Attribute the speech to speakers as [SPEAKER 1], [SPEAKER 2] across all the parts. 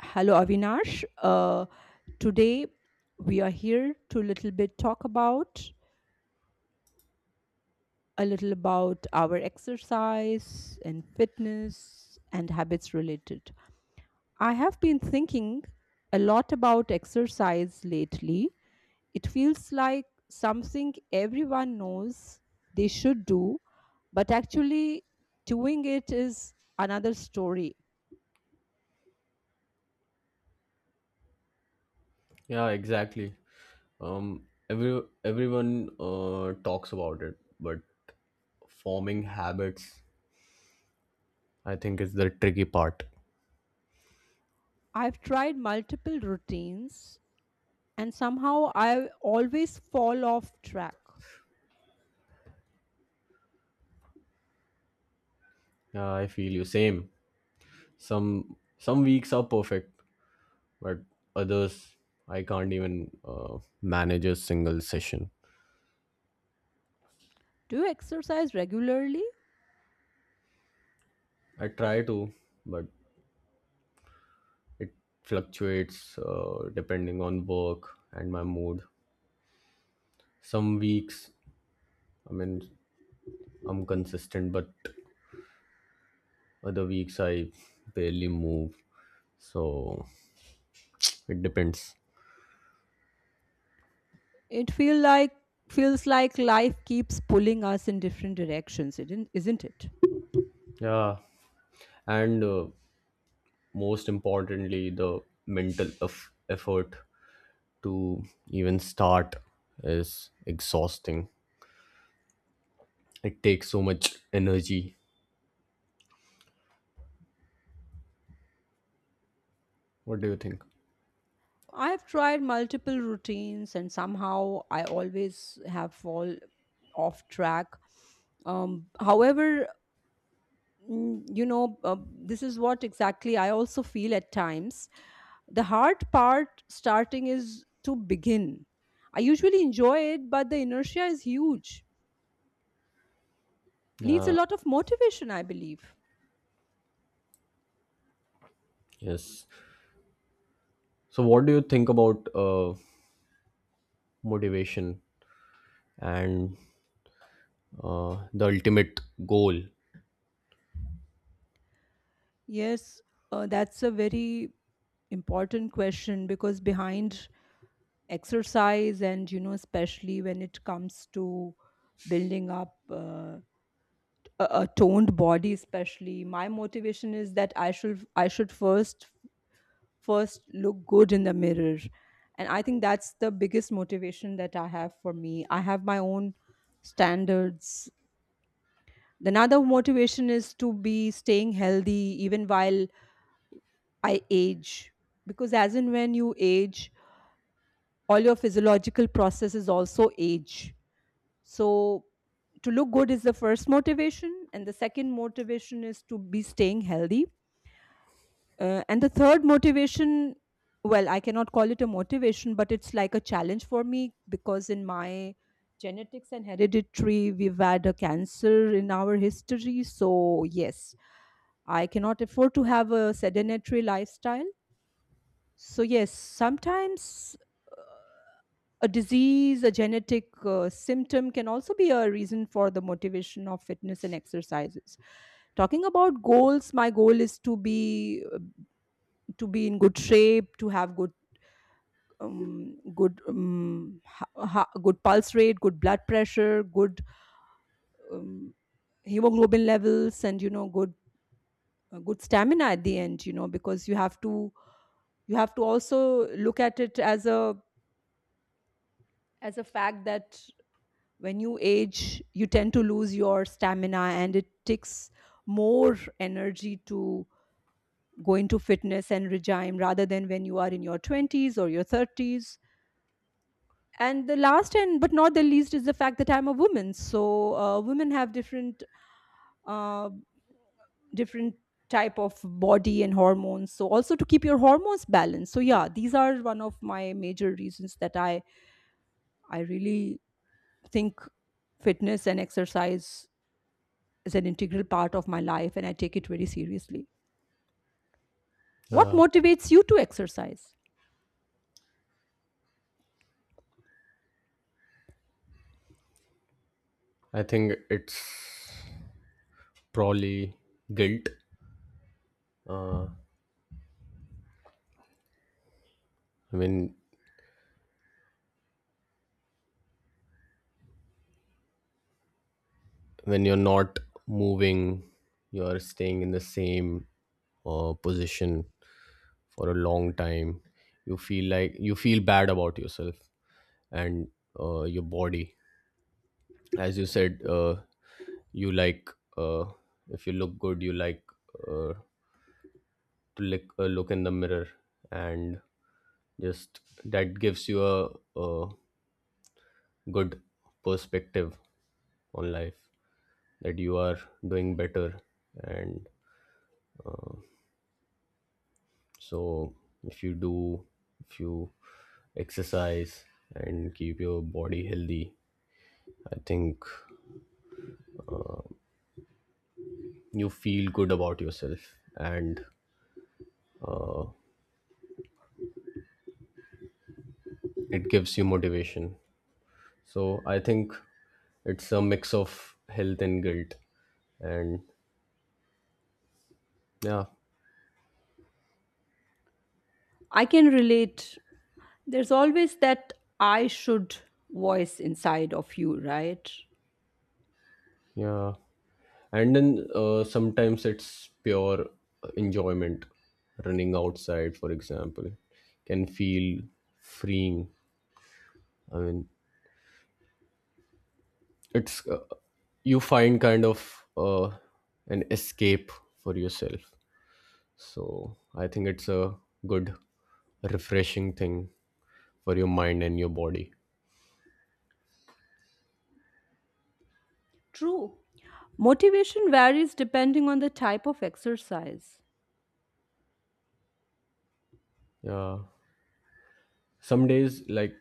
[SPEAKER 1] Hello, Avinash. Uh, today we are here to little bit talk about a little about our exercise and fitness and habits related. I have been thinking a lot about exercise lately. It feels like something everyone knows they should do, but actually doing it is another story.
[SPEAKER 2] Yeah, exactly. Everyone talks about it, but forming habits, I think, is the tricky part.
[SPEAKER 1] I've tried multiple routines and somehow I always fall off track.
[SPEAKER 2] Yeah, I feel you. Same. Some weeks are perfect, but others I can't even manage a single session.
[SPEAKER 1] Do you exercise regularly?
[SPEAKER 2] I try to, but it fluctuates depending on work and my mood. Some weeks, I mean, I'm consistent, but other weeks I barely move, so it depends.
[SPEAKER 1] It feels like life keeps pulling us in different directions, isn't it?
[SPEAKER 2] Yeah, and most importantly, the mental effort to even start is exhausting. It takes so much energy. What do you think?
[SPEAKER 1] I've tried multiple routines and somehow I always have fall off track. However, this is what exactly I also feel at times. The hard part starting is to begin. I usually enjoy it, but the inertia is huge. Needs a
[SPEAKER 2] Yeah,
[SPEAKER 1] lot of motivation, I believe.
[SPEAKER 2] yes. So what do you think about motivation and the ultimate goal?
[SPEAKER 1] Yes, that's a very important question, because behind exercise, and especially when it comes to building up a toned body, especially my motivation is that I should first look good in the mirror, and I think that's the biggest motivation that I have. For me, I have my own standards. Another motivation is to be staying healthy even while I age. Because as and when you age, all your physiological processes also age. So, to look good is the first motivation, and the second motivation is to be staying healthy. And the third motivation, well, I cannot call it a motivation, but it's like a challenge for me, because in my genetics and hereditary, we've had a cancer in our history. So, yes, I cannot afford to have a sedentary lifestyle. So, yes, sometimes a disease, a genetic symptom can also be a reason for the motivation of fitness and exercises. Talking about goals, my goal is to be in good shape, to have good pulse rate, good blood pressure, good um, hemoglobin levels, and good stamina at the end. Because you have to also look at it as a fact that when you age you tend to lose your stamina, and it takes more energy to go into fitness and regime rather than when you are in your 20s or your 30s. And the last and but not the least is the fact that I'm a woman, so women have uh, different type of body and hormones, so also to keep your hormones balanced. So yeah, these are one of my major reasons that I really think fitness and exercise is an integral part of my life, and I take it very seriously. What
[SPEAKER 2] uh,
[SPEAKER 1] motivates you to exercise?
[SPEAKER 2] I think it's probably guilt. I mean, when you're not moving, you're staying in the same position for a long time. You feel like you feel bad about yourself and your body. As you said, you like, uh, if you look good, you like uh, to lick, look in the mirror, and just that gives you a good perspective on life that you are doing better. And so if you do, if you exercise and keep your body healthy, I think you feel good about yourself and it gives you motivation. So I think it's a mix of health and guilt. And yeah.
[SPEAKER 1] I can relate. There's always that I should voice inside of you, right?
[SPEAKER 2] Yeah, and then sometimes it's pure enjoyment. Running outside, for example, can feel freeing. I mean, it's you find kind of an escape for yourself. So I think it's a good refreshing thing for your mind and your body.
[SPEAKER 1] True. Motivation varies depending on the type of exercise.
[SPEAKER 2] Yeah, some days, like,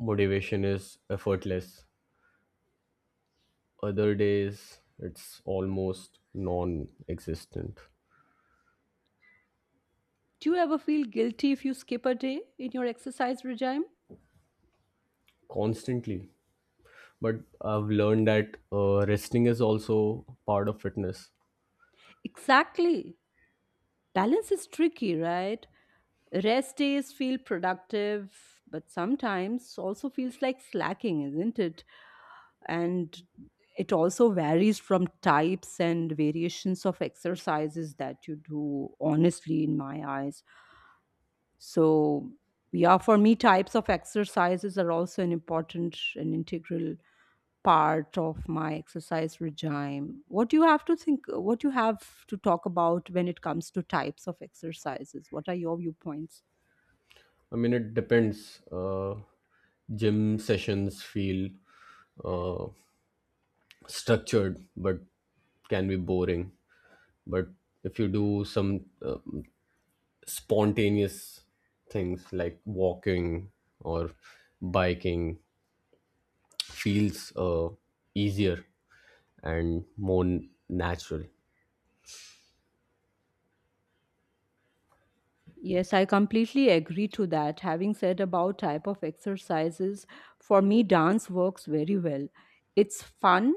[SPEAKER 2] motivation is effortless, other days it's almost non-existent.
[SPEAKER 1] Do you ever feel guilty if you skip a day in your exercise regime?
[SPEAKER 2] Constantly, but I've learned that resting is also part of fitness.
[SPEAKER 1] Exactly. Balance is tricky, right? Rest days feel productive, but sometimes also feels like slacking, isn't it? And it also varies from types and variations of exercises that you do, honestly, in my eyes. So yeah, for me, types of exercises are also an important and integral part of my exercise regime. What do you have to think, what you have to talk about when it comes to types of exercises? What are your viewpoints?
[SPEAKER 2] I mean, it depends. Gym sessions feel uh, structured but can be boring. But if you do some spontaneous things like walking or biking, feels easier and more natural.
[SPEAKER 1] Yes, I completely agree to that. Having said about type of exercises, for me dance works very well. It's fun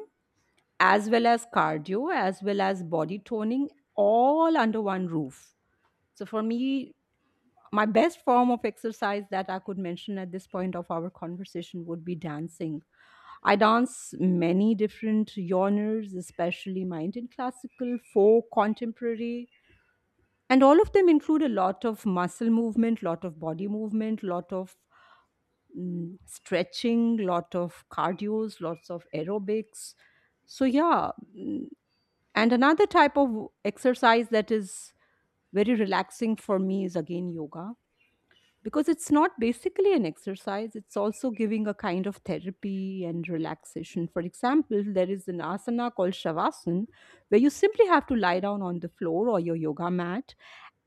[SPEAKER 1] as well as cardio as well as body toning all under one roof. So for me, my best form of exercise that I could mention at this point of our conversation would be dancing. I dance many different genres, especially mind and classical, folk, contemporary, and all of them include a lot of muscle movement, lot of body movement, lot of stretching, lot of cardios, lots of aerobics. So yeah, and another type of exercise that is very relaxing for me is again yoga, because it's not basically an exercise. It's also giving a kind of therapy and relaxation. For example, there is an asana called shavasana, where you simply have to lie down on the floor or your yoga mat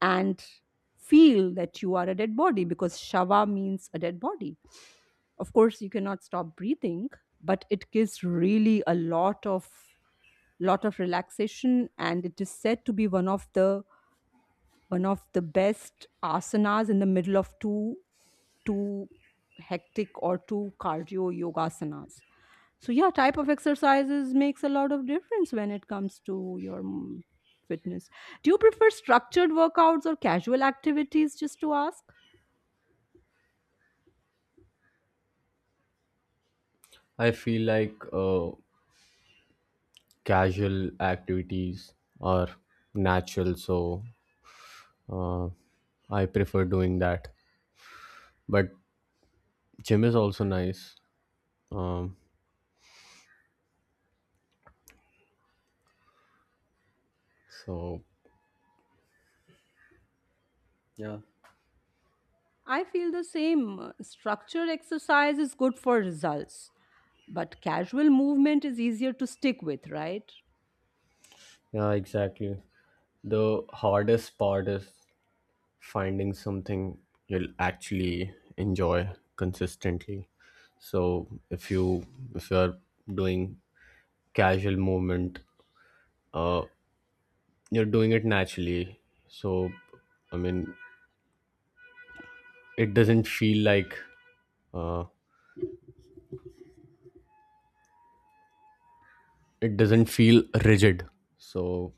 [SPEAKER 1] and feel that you are a dead body, because shava means a dead body. Of course, you cannot stop breathing, but it gives really a lot of relaxation, and it is said to be one of the best asanas in the middle of two hectic or two cardio yogasanas. So yeah, type of exercises makes a lot of difference when it comes to your fitness. Do you prefer structured workouts or casual activities, just to ask?
[SPEAKER 2] I feel like uh, casual activities are natural, so uh, I prefer doing that, but gym is also nice. um, so yeah.
[SPEAKER 1] I feel the same. Structured exercise is good for results, but casual movement is easier to stick with, right?
[SPEAKER 2] Yeah, exactly. The hardest part is finding something you'll actually enjoy consistently. So if you, if you're doing casual movement, uh, you're doing it naturally. So I mean, it doesn't feel like, uh, it doesn't feel rigid. So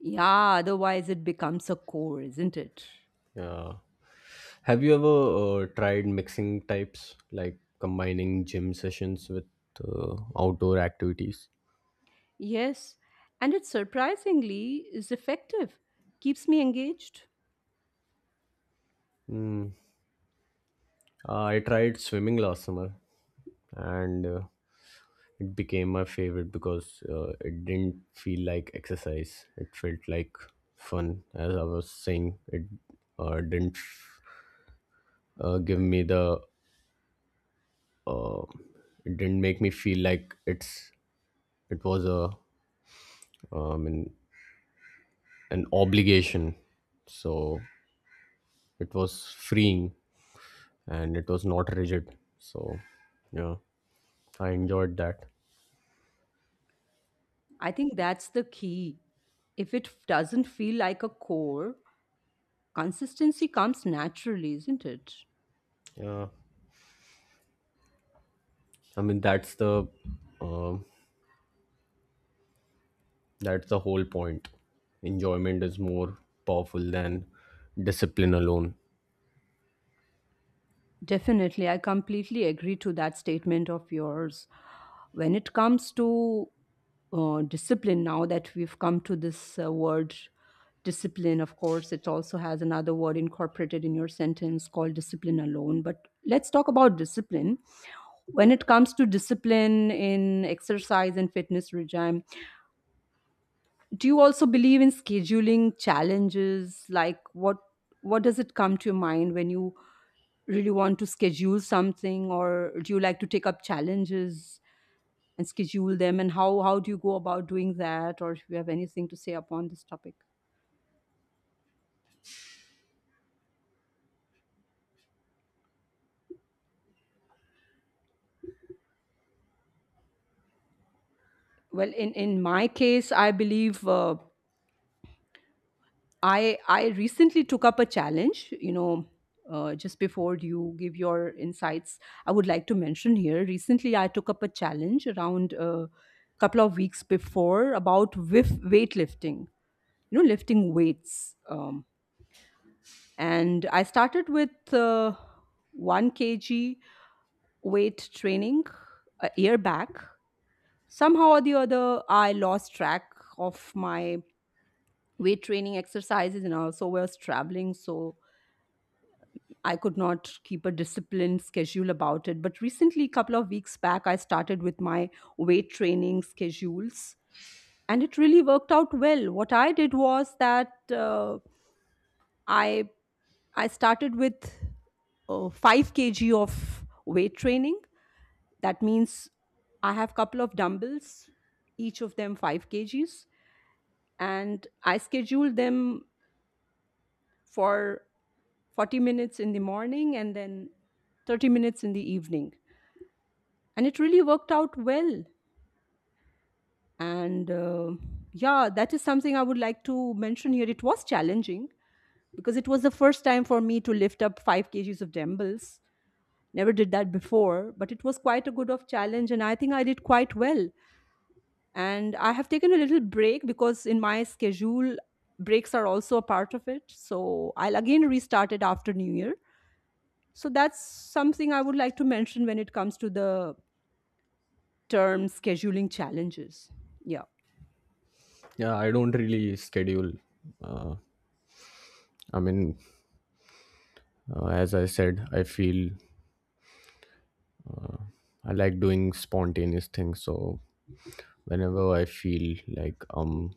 [SPEAKER 1] Yeah, otherwise it becomes a core, isn't it?
[SPEAKER 2] yeah, have you ever tried mixing types, like combining gym sessions with outdoor activities?
[SPEAKER 1] Yes, and it surprisingly is effective, keeps me engaged.
[SPEAKER 2] I tried swimming last summer, and it became my favorite because it didn't feel like exercise. It felt like fun. As I was saying, it didn't give me the. Uh, it didn't make me feel like it's. It was a. Um, an, an obligation, so it was freeing and it was not rigid. So, yeah, I enjoyed that.
[SPEAKER 1] I think that's the key. If it doesn't feel like a core, consistency comes naturally, isn't it?
[SPEAKER 2] Yeah, I mean, that's the um that's the whole point. Enjoyment is more powerful than discipline alone.
[SPEAKER 1] Definitely, I completely agree to that statement of yours. When it comes to discipline, now that we've come to this word discipline, of course, it also has another word incorporated in your sentence called discipline alone. But let's talk about discipline. When it comes to discipline in exercise and fitness regime, do you also believe in scheduling challenges? Like what does it come to your mind when you really want to schedule something? Or do you like to take up challenges and schedule them? And how do you go about doing that, or if you have anything to say upon this topic? Well, in my case I believe, I recently took up a challenge, just before you give your insights, I would like to mention here. Recently, I took up a challenge around a couple of weeks before about with weightlifting, lifting weights. And I started with 1 kg weight training a year back. Somehow or the other, I lost track of my weight training exercises and also was traveling. So I could not keep a disciplined schedule about it. But recently, a couple of weeks back, I started with my weight training schedules, and it really worked out well. What I did was that, I I started with 5 kg of weight training. That means I have couple of dumbbells, each of them 5 kgs, and I schedule them for 40 minutes in the morning and then 30 minutes in the evening, and it really worked out well. And yeah, that is something I would like to mention here. It was challenging because it was the first time for me to lift up 5 kgs of dumbbells. Never did that before, but it was quite a good of challenge, and I think I did quite well. And I have taken a little break, because in my schedule breaks are also a part of it. So I'll again restart it after new year. So that's something I would like to mention when it comes to the term scheduling challenges, yeah.
[SPEAKER 2] Yeah, I don't really schedule. Uh, I mean, as I said, I feel I like doing spontaneous things. So whenever I feel like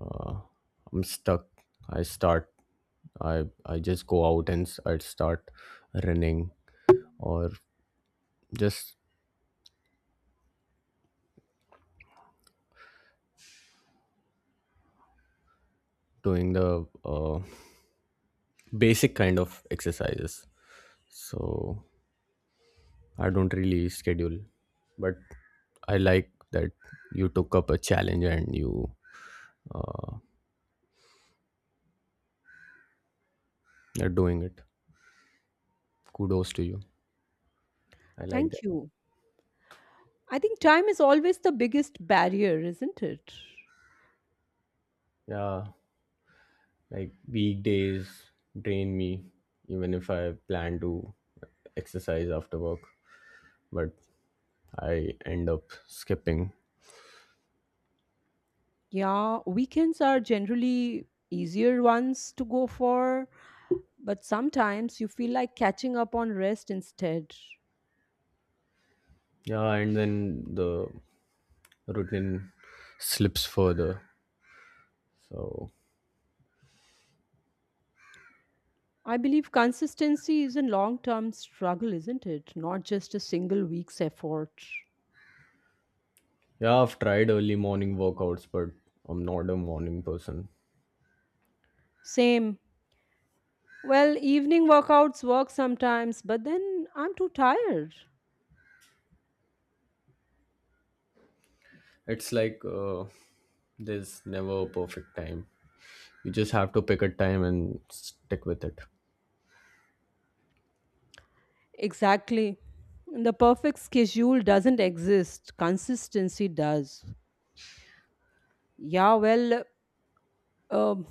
[SPEAKER 2] uh, I'm stuck, I start. I just go out and I start running, or just doing the basic kind of exercises. So I don't really schedule, but I like that you took up a challenge and you uh, are doing it. Kudos to you. I like that.
[SPEAKER 1] Thank you. I think time is always the biggest barrier, isn't it?
[SPEAKER 2] Yeah, like weekdays drain me, even if I plan to exercise after work, but I end up skipping.
[SPEAKER 1] Yeah, weekends are generally easier ones to go for, but sometimes you feel like catching up on rest instead.
[SPEAKER 2] Yeah, and then the routine slips further. So,
[SPEAKER 1] I believe consistency is a long term struggle, isn't it? Not just a single week's effort.
[SPEAKER 2] yeah, I've tried early morning workouts, but I'm not a morning person.
[SPEAKER 1] Same. Well, evening workouts work sometimes, but then I'm too tired.
[SPEAKER 2] It's like there's never a perfect time. You just have to pick a time and stick with it.
[SPEAKER 1] Exactly. The perfect schedule doesn't exist, consistency does. Yeah, well, um,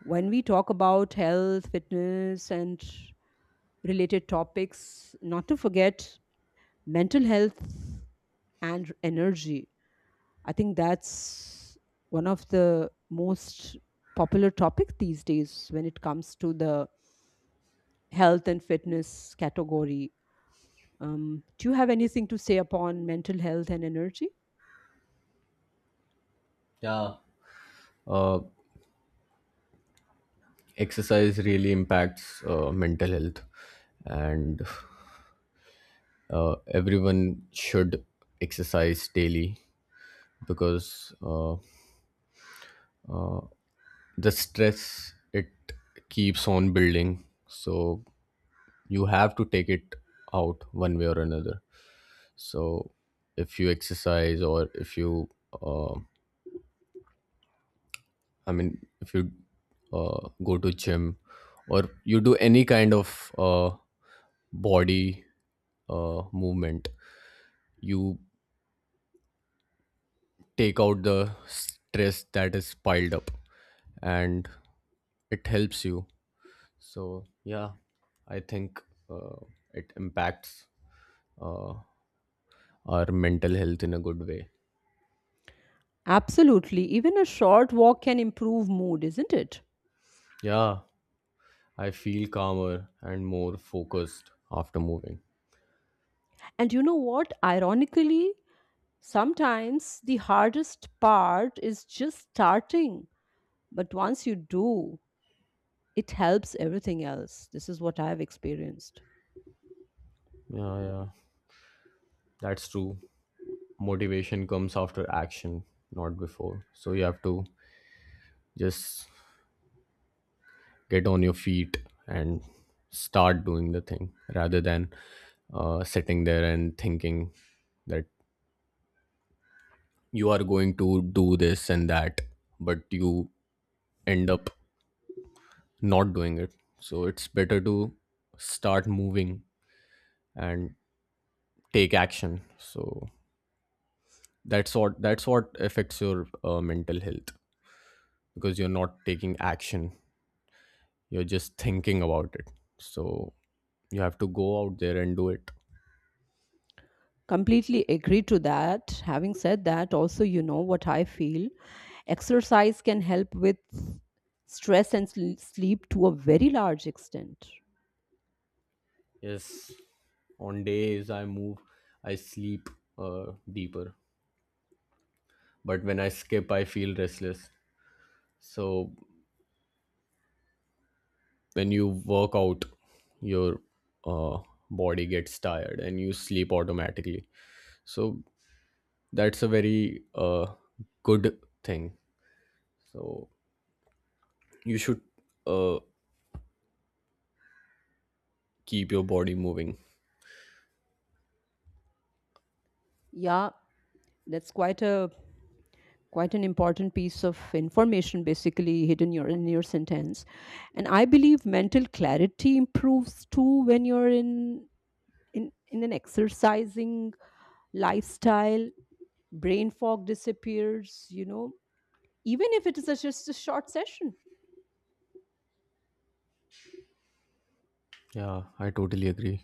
[SPEAKER 1] when we talk about health, fitness, and related topics, not to forget mental health and energy. I think that's one of the most popular topics these days when it comes to the health and fitness category. Do you have anything to say upon mental health and energy?
[SPEAKER 2] Yeah, Uh, exercise really impacts mental health, and everyone should exercise daily, because the stress, it keeps on building. So you have to take it out one way or another. So if you exercise, or if you uh, I mean, if you go to gym or you do any kind of body movement, you take out the stress that is piled up, and it helps you. So yeah, I think uh, it impacts uh, our mental health in a good way.
[SPEAKER 1] Absolutely. Even a short walk can improve mood, isn't it?
[SPEAKER 2] Yeah, I feel calmer and more focused after moving.
[SPEAKER 1] And you know what? Ironically, sometimes the hardest part is just starting, but once you do, it helps everything else. This is what I've experienced.
[SPEAKER 2] Yeah, yeah, that's true. Motivation comes after action, not before. So you have to just get on your feet and start doing the thing, rather than sitting there and thinking that you are going to do this and that, but you end up not doing it. So it's better to start moving and take action. So that's what, that's what affects your mental health, because you're not taking action, you're just thinking about it. So you have to go out there and do it.
[SPEAKER 1] Completely agree to that. Having said that, also, you know what I feel exercise can help with stress and sleep to a very large extent.
[SPEAKER 2] Yes, on days I move, I sleep uh, deeper, but when I skip I feel restless. So when you work out, your uh, body gets tired and you sleep automatically. So that's a very good thing. So you should uh, keep your body moving.
[SPEAKER 1] Yeah, that's quite an important piece of information, basically hidden in your sentence. And I believe mental clarity improves too when you're in an exercising lifestyle. Brain fog disappears, even if it is just a short session.
[SPEAKER 2] Yeah, I totally agree.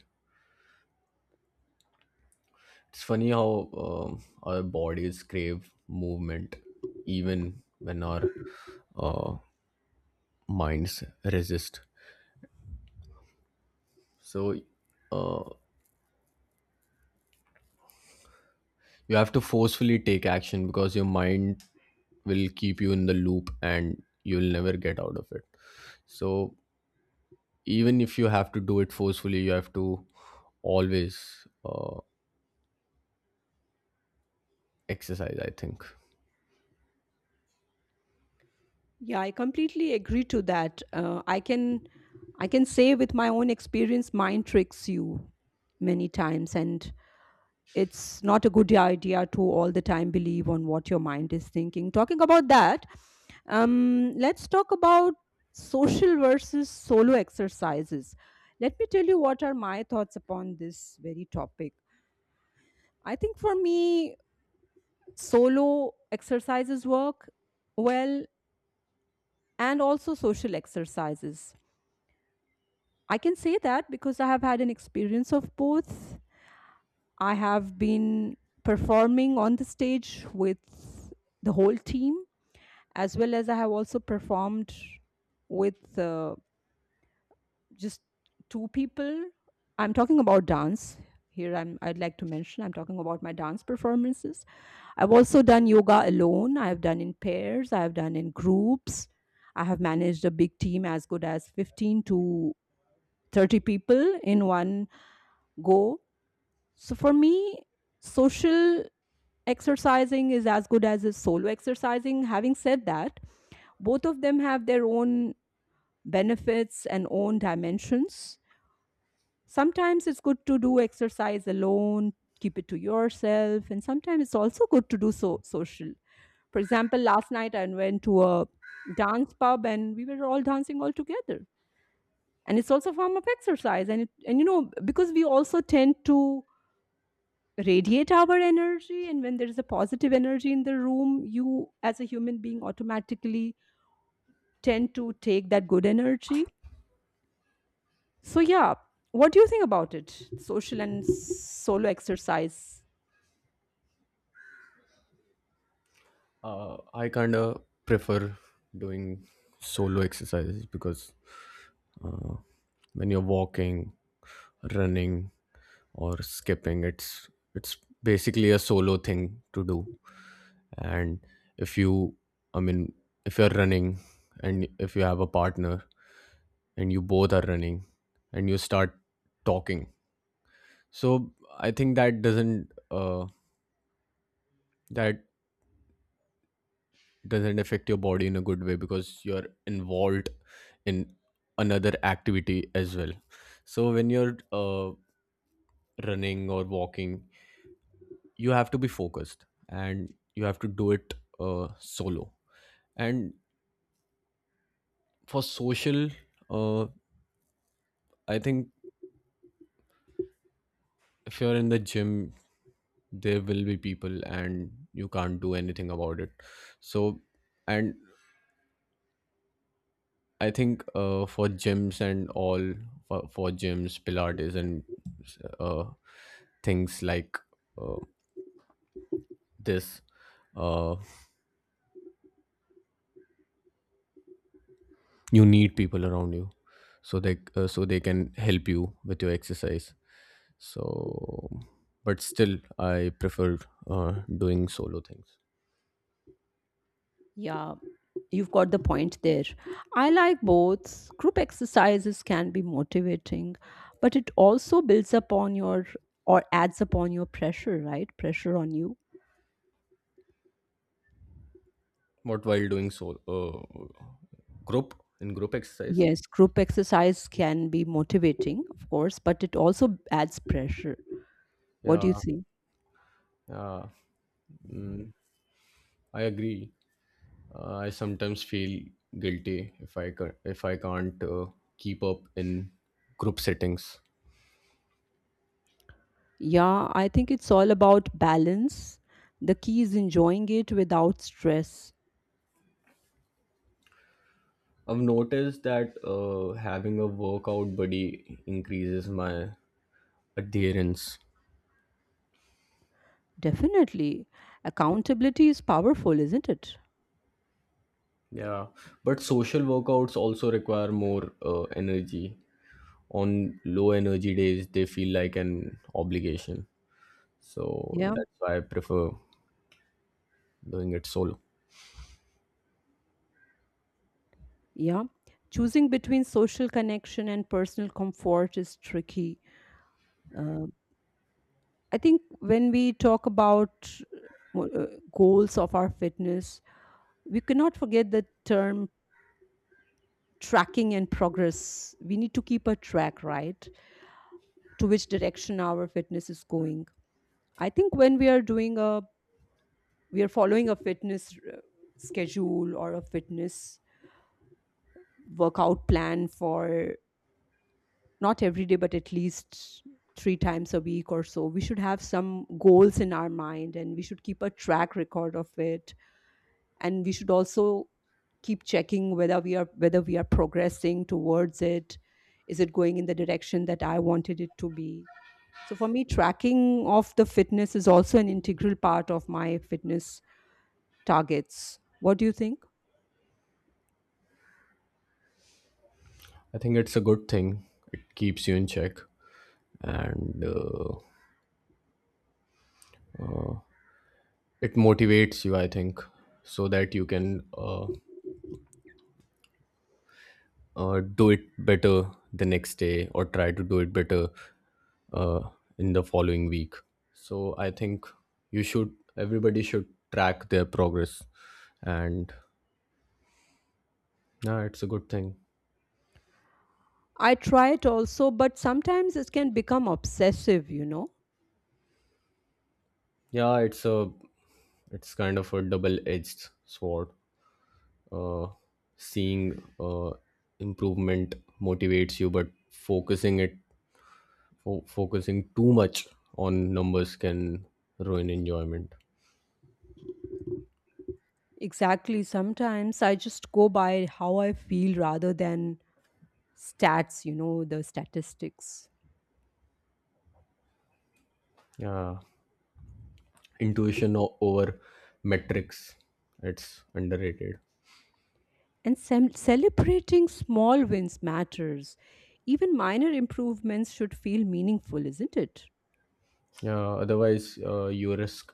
[SPEAKER 2] It's funny how our bodies crave movement even when our uh, minds resist. So uh, you have to forcefully take action, because your mind will keep you in the loop and you'll never get out of it. So even if you have to do it forcefully, you have to always exercise, I think.
[SPEAKER 1] Yeah, I completely agree to that. I can say with my own experience mind tricks you many times, and it's not a good idea to all the time believe on what your mind is thinking. Talking about that, let's talk about social versus solo exercises. Let me tell you what are my thoughts upon this very topic. I think for me, solo exercises work well, and also social exercises. I can say that because I have had an experience of both. I have been performing on the stage with the whole team, as well as I have also performed with just two people. I'm talking about dance. I'd like to mention I'm talking about my dance performances. I've also done yoga alone. I've done in pairs. I've done in groups. I have managed a big team as good as 15 to 30 people in one go. So for me, social exercising is as good as a solo exercising. Having said that, both of them have their own benefits and own dimensions. Sometimes it's good to do exercise alone, keep it to yourself, and sometimes it's also good to do so social. For example, last night I went to a dance pub and we were all dancing all together. And it's also a form of exercise. And because we also tend to radiate our energy, and when there is a positive energy in the room, you as a human being automatically tend to take that good energy. So yeah, what do you think about it? Social and solo exercise.
[SPEAKER 2] I kind of prefer doing solo exercises because uh, when you're walking, running, or skipping, it's basically a solo thing to do. And if you, I mean, if you're running and if you have a partner and you both are running and you start talking, so I think that doesn't affect your body in a good way, because you're involved in another activity as well. So when you're running or walking, you have to be focused and you have to do it solo. And for social, uh, I think if you're in the gym, there will be people and you can't do anything about it. So, and I think for gyms and all, for gyms, pilates, and uh, things like uh, this, uh, you need people around you so they, so they can help you with your exercise. So, but still, I preferred doing solo things.
[SPEAKER 1] Yeah, you've got the point there. I like both. Group exercises can be motivating, but it also builds upon your, or adds upon your pressure, right? Pressure on you.
[SPEAKER 2] What while doing solo, group, in group exercise?
[SPEAKER 1] Yes, group exercise can be motivating, of course, but it also adds pressure. What do you
[SPEAKER 2] Yeah,
[SPEAKER 1] think?
[SPEAKER 2] yeah, mm, I agree. I sometimes feel guilty if I if I can't keep up in group settings.
[SPEAKER 1] Yeah, I think it's all about balance. The key is enjoying it without stress.
[SPEAKER 2] I've noticed that having a workout buddy increases my adherence.
[SPEAKER 1] Definitely. Accountability is powerful, isn't it?
[SPEAKER 2] Yeah, but social workouts also require more energy. On low energy days they feel like an obligation, so
[SPEAKER 1] Yeah,
[SPEAKER 2] that's why I prefer doing it solo.
[SPEAKER 1] yeah. Choosing between social connection and personal comfort is tricky. Uh, I think when we talk about uh, goals of our fitness, we cannot forget the term tracking and progress. We need to keep a track, right? To which direction our fitness is going. I think when we are doing a, we are following a fitness schedule or a fitness workout plan for not every day, but at least 3 times a week or so. We should have some goals in our mind and we should keep a track record of it, and we should also keep checking whether we are progressing towards it. Is it going in the direction that I wanted it to be? So for me, tracking of the fitness is also an integral part of my fitness targets. What do you think?
[SPEAKER 2] I think it's a good thing. It keeps you in check, and it motivates you, I think, so that you can do it better the next day, or try to do it better uh, in the following week. So I think you should, everybody should track their progress. And yeah, it's a good thing.
[SPEAKER 1] I try it also, but sometimes it can become obsessive, you know.
[SPEAKER 2] Yeah, it's a, it's kind of a double-edged sword. uh, seeing improvement motivates you, but focusing it, focusing too much on numbers can ruin enjoyment.
[SPEAKER 1] Exactly. Sometimes I just go by how I feel rather than stats, you know, the statistics.
[SPEAKER 2] Yeah, intuition over metrics, it's underrated.
[SPEAKER 1] And celebrating small wins matters. Even minor improvements should feel meaningful, isn't it?
[SPEAKER 2] Yeah, otherwise you risk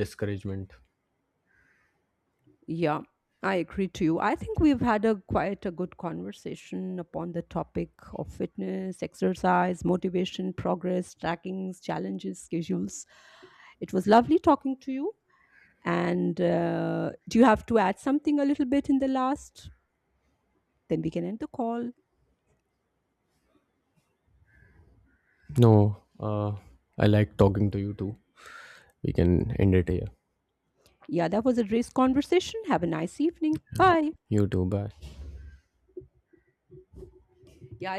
[SPEAKER 2] discouragement.
[SPEAKER 1] Yeah, I agree to you. I think we've had a quite a good conversation upon the topic of fitness, exercise, motivation, progress, trackings, challenges, schedules. It was lovely talking to you. And do you have to add something a little bit in the last? Then we can end the call.
[SPEAKER 2] No, I like talking to you too. We can end it here.
[SPEAKER 1] Yeah, that was a race conversation. Have a nice evening. Bye.
[SPEAKER 2] You too bye
[SPEAKER 1] Yeah, I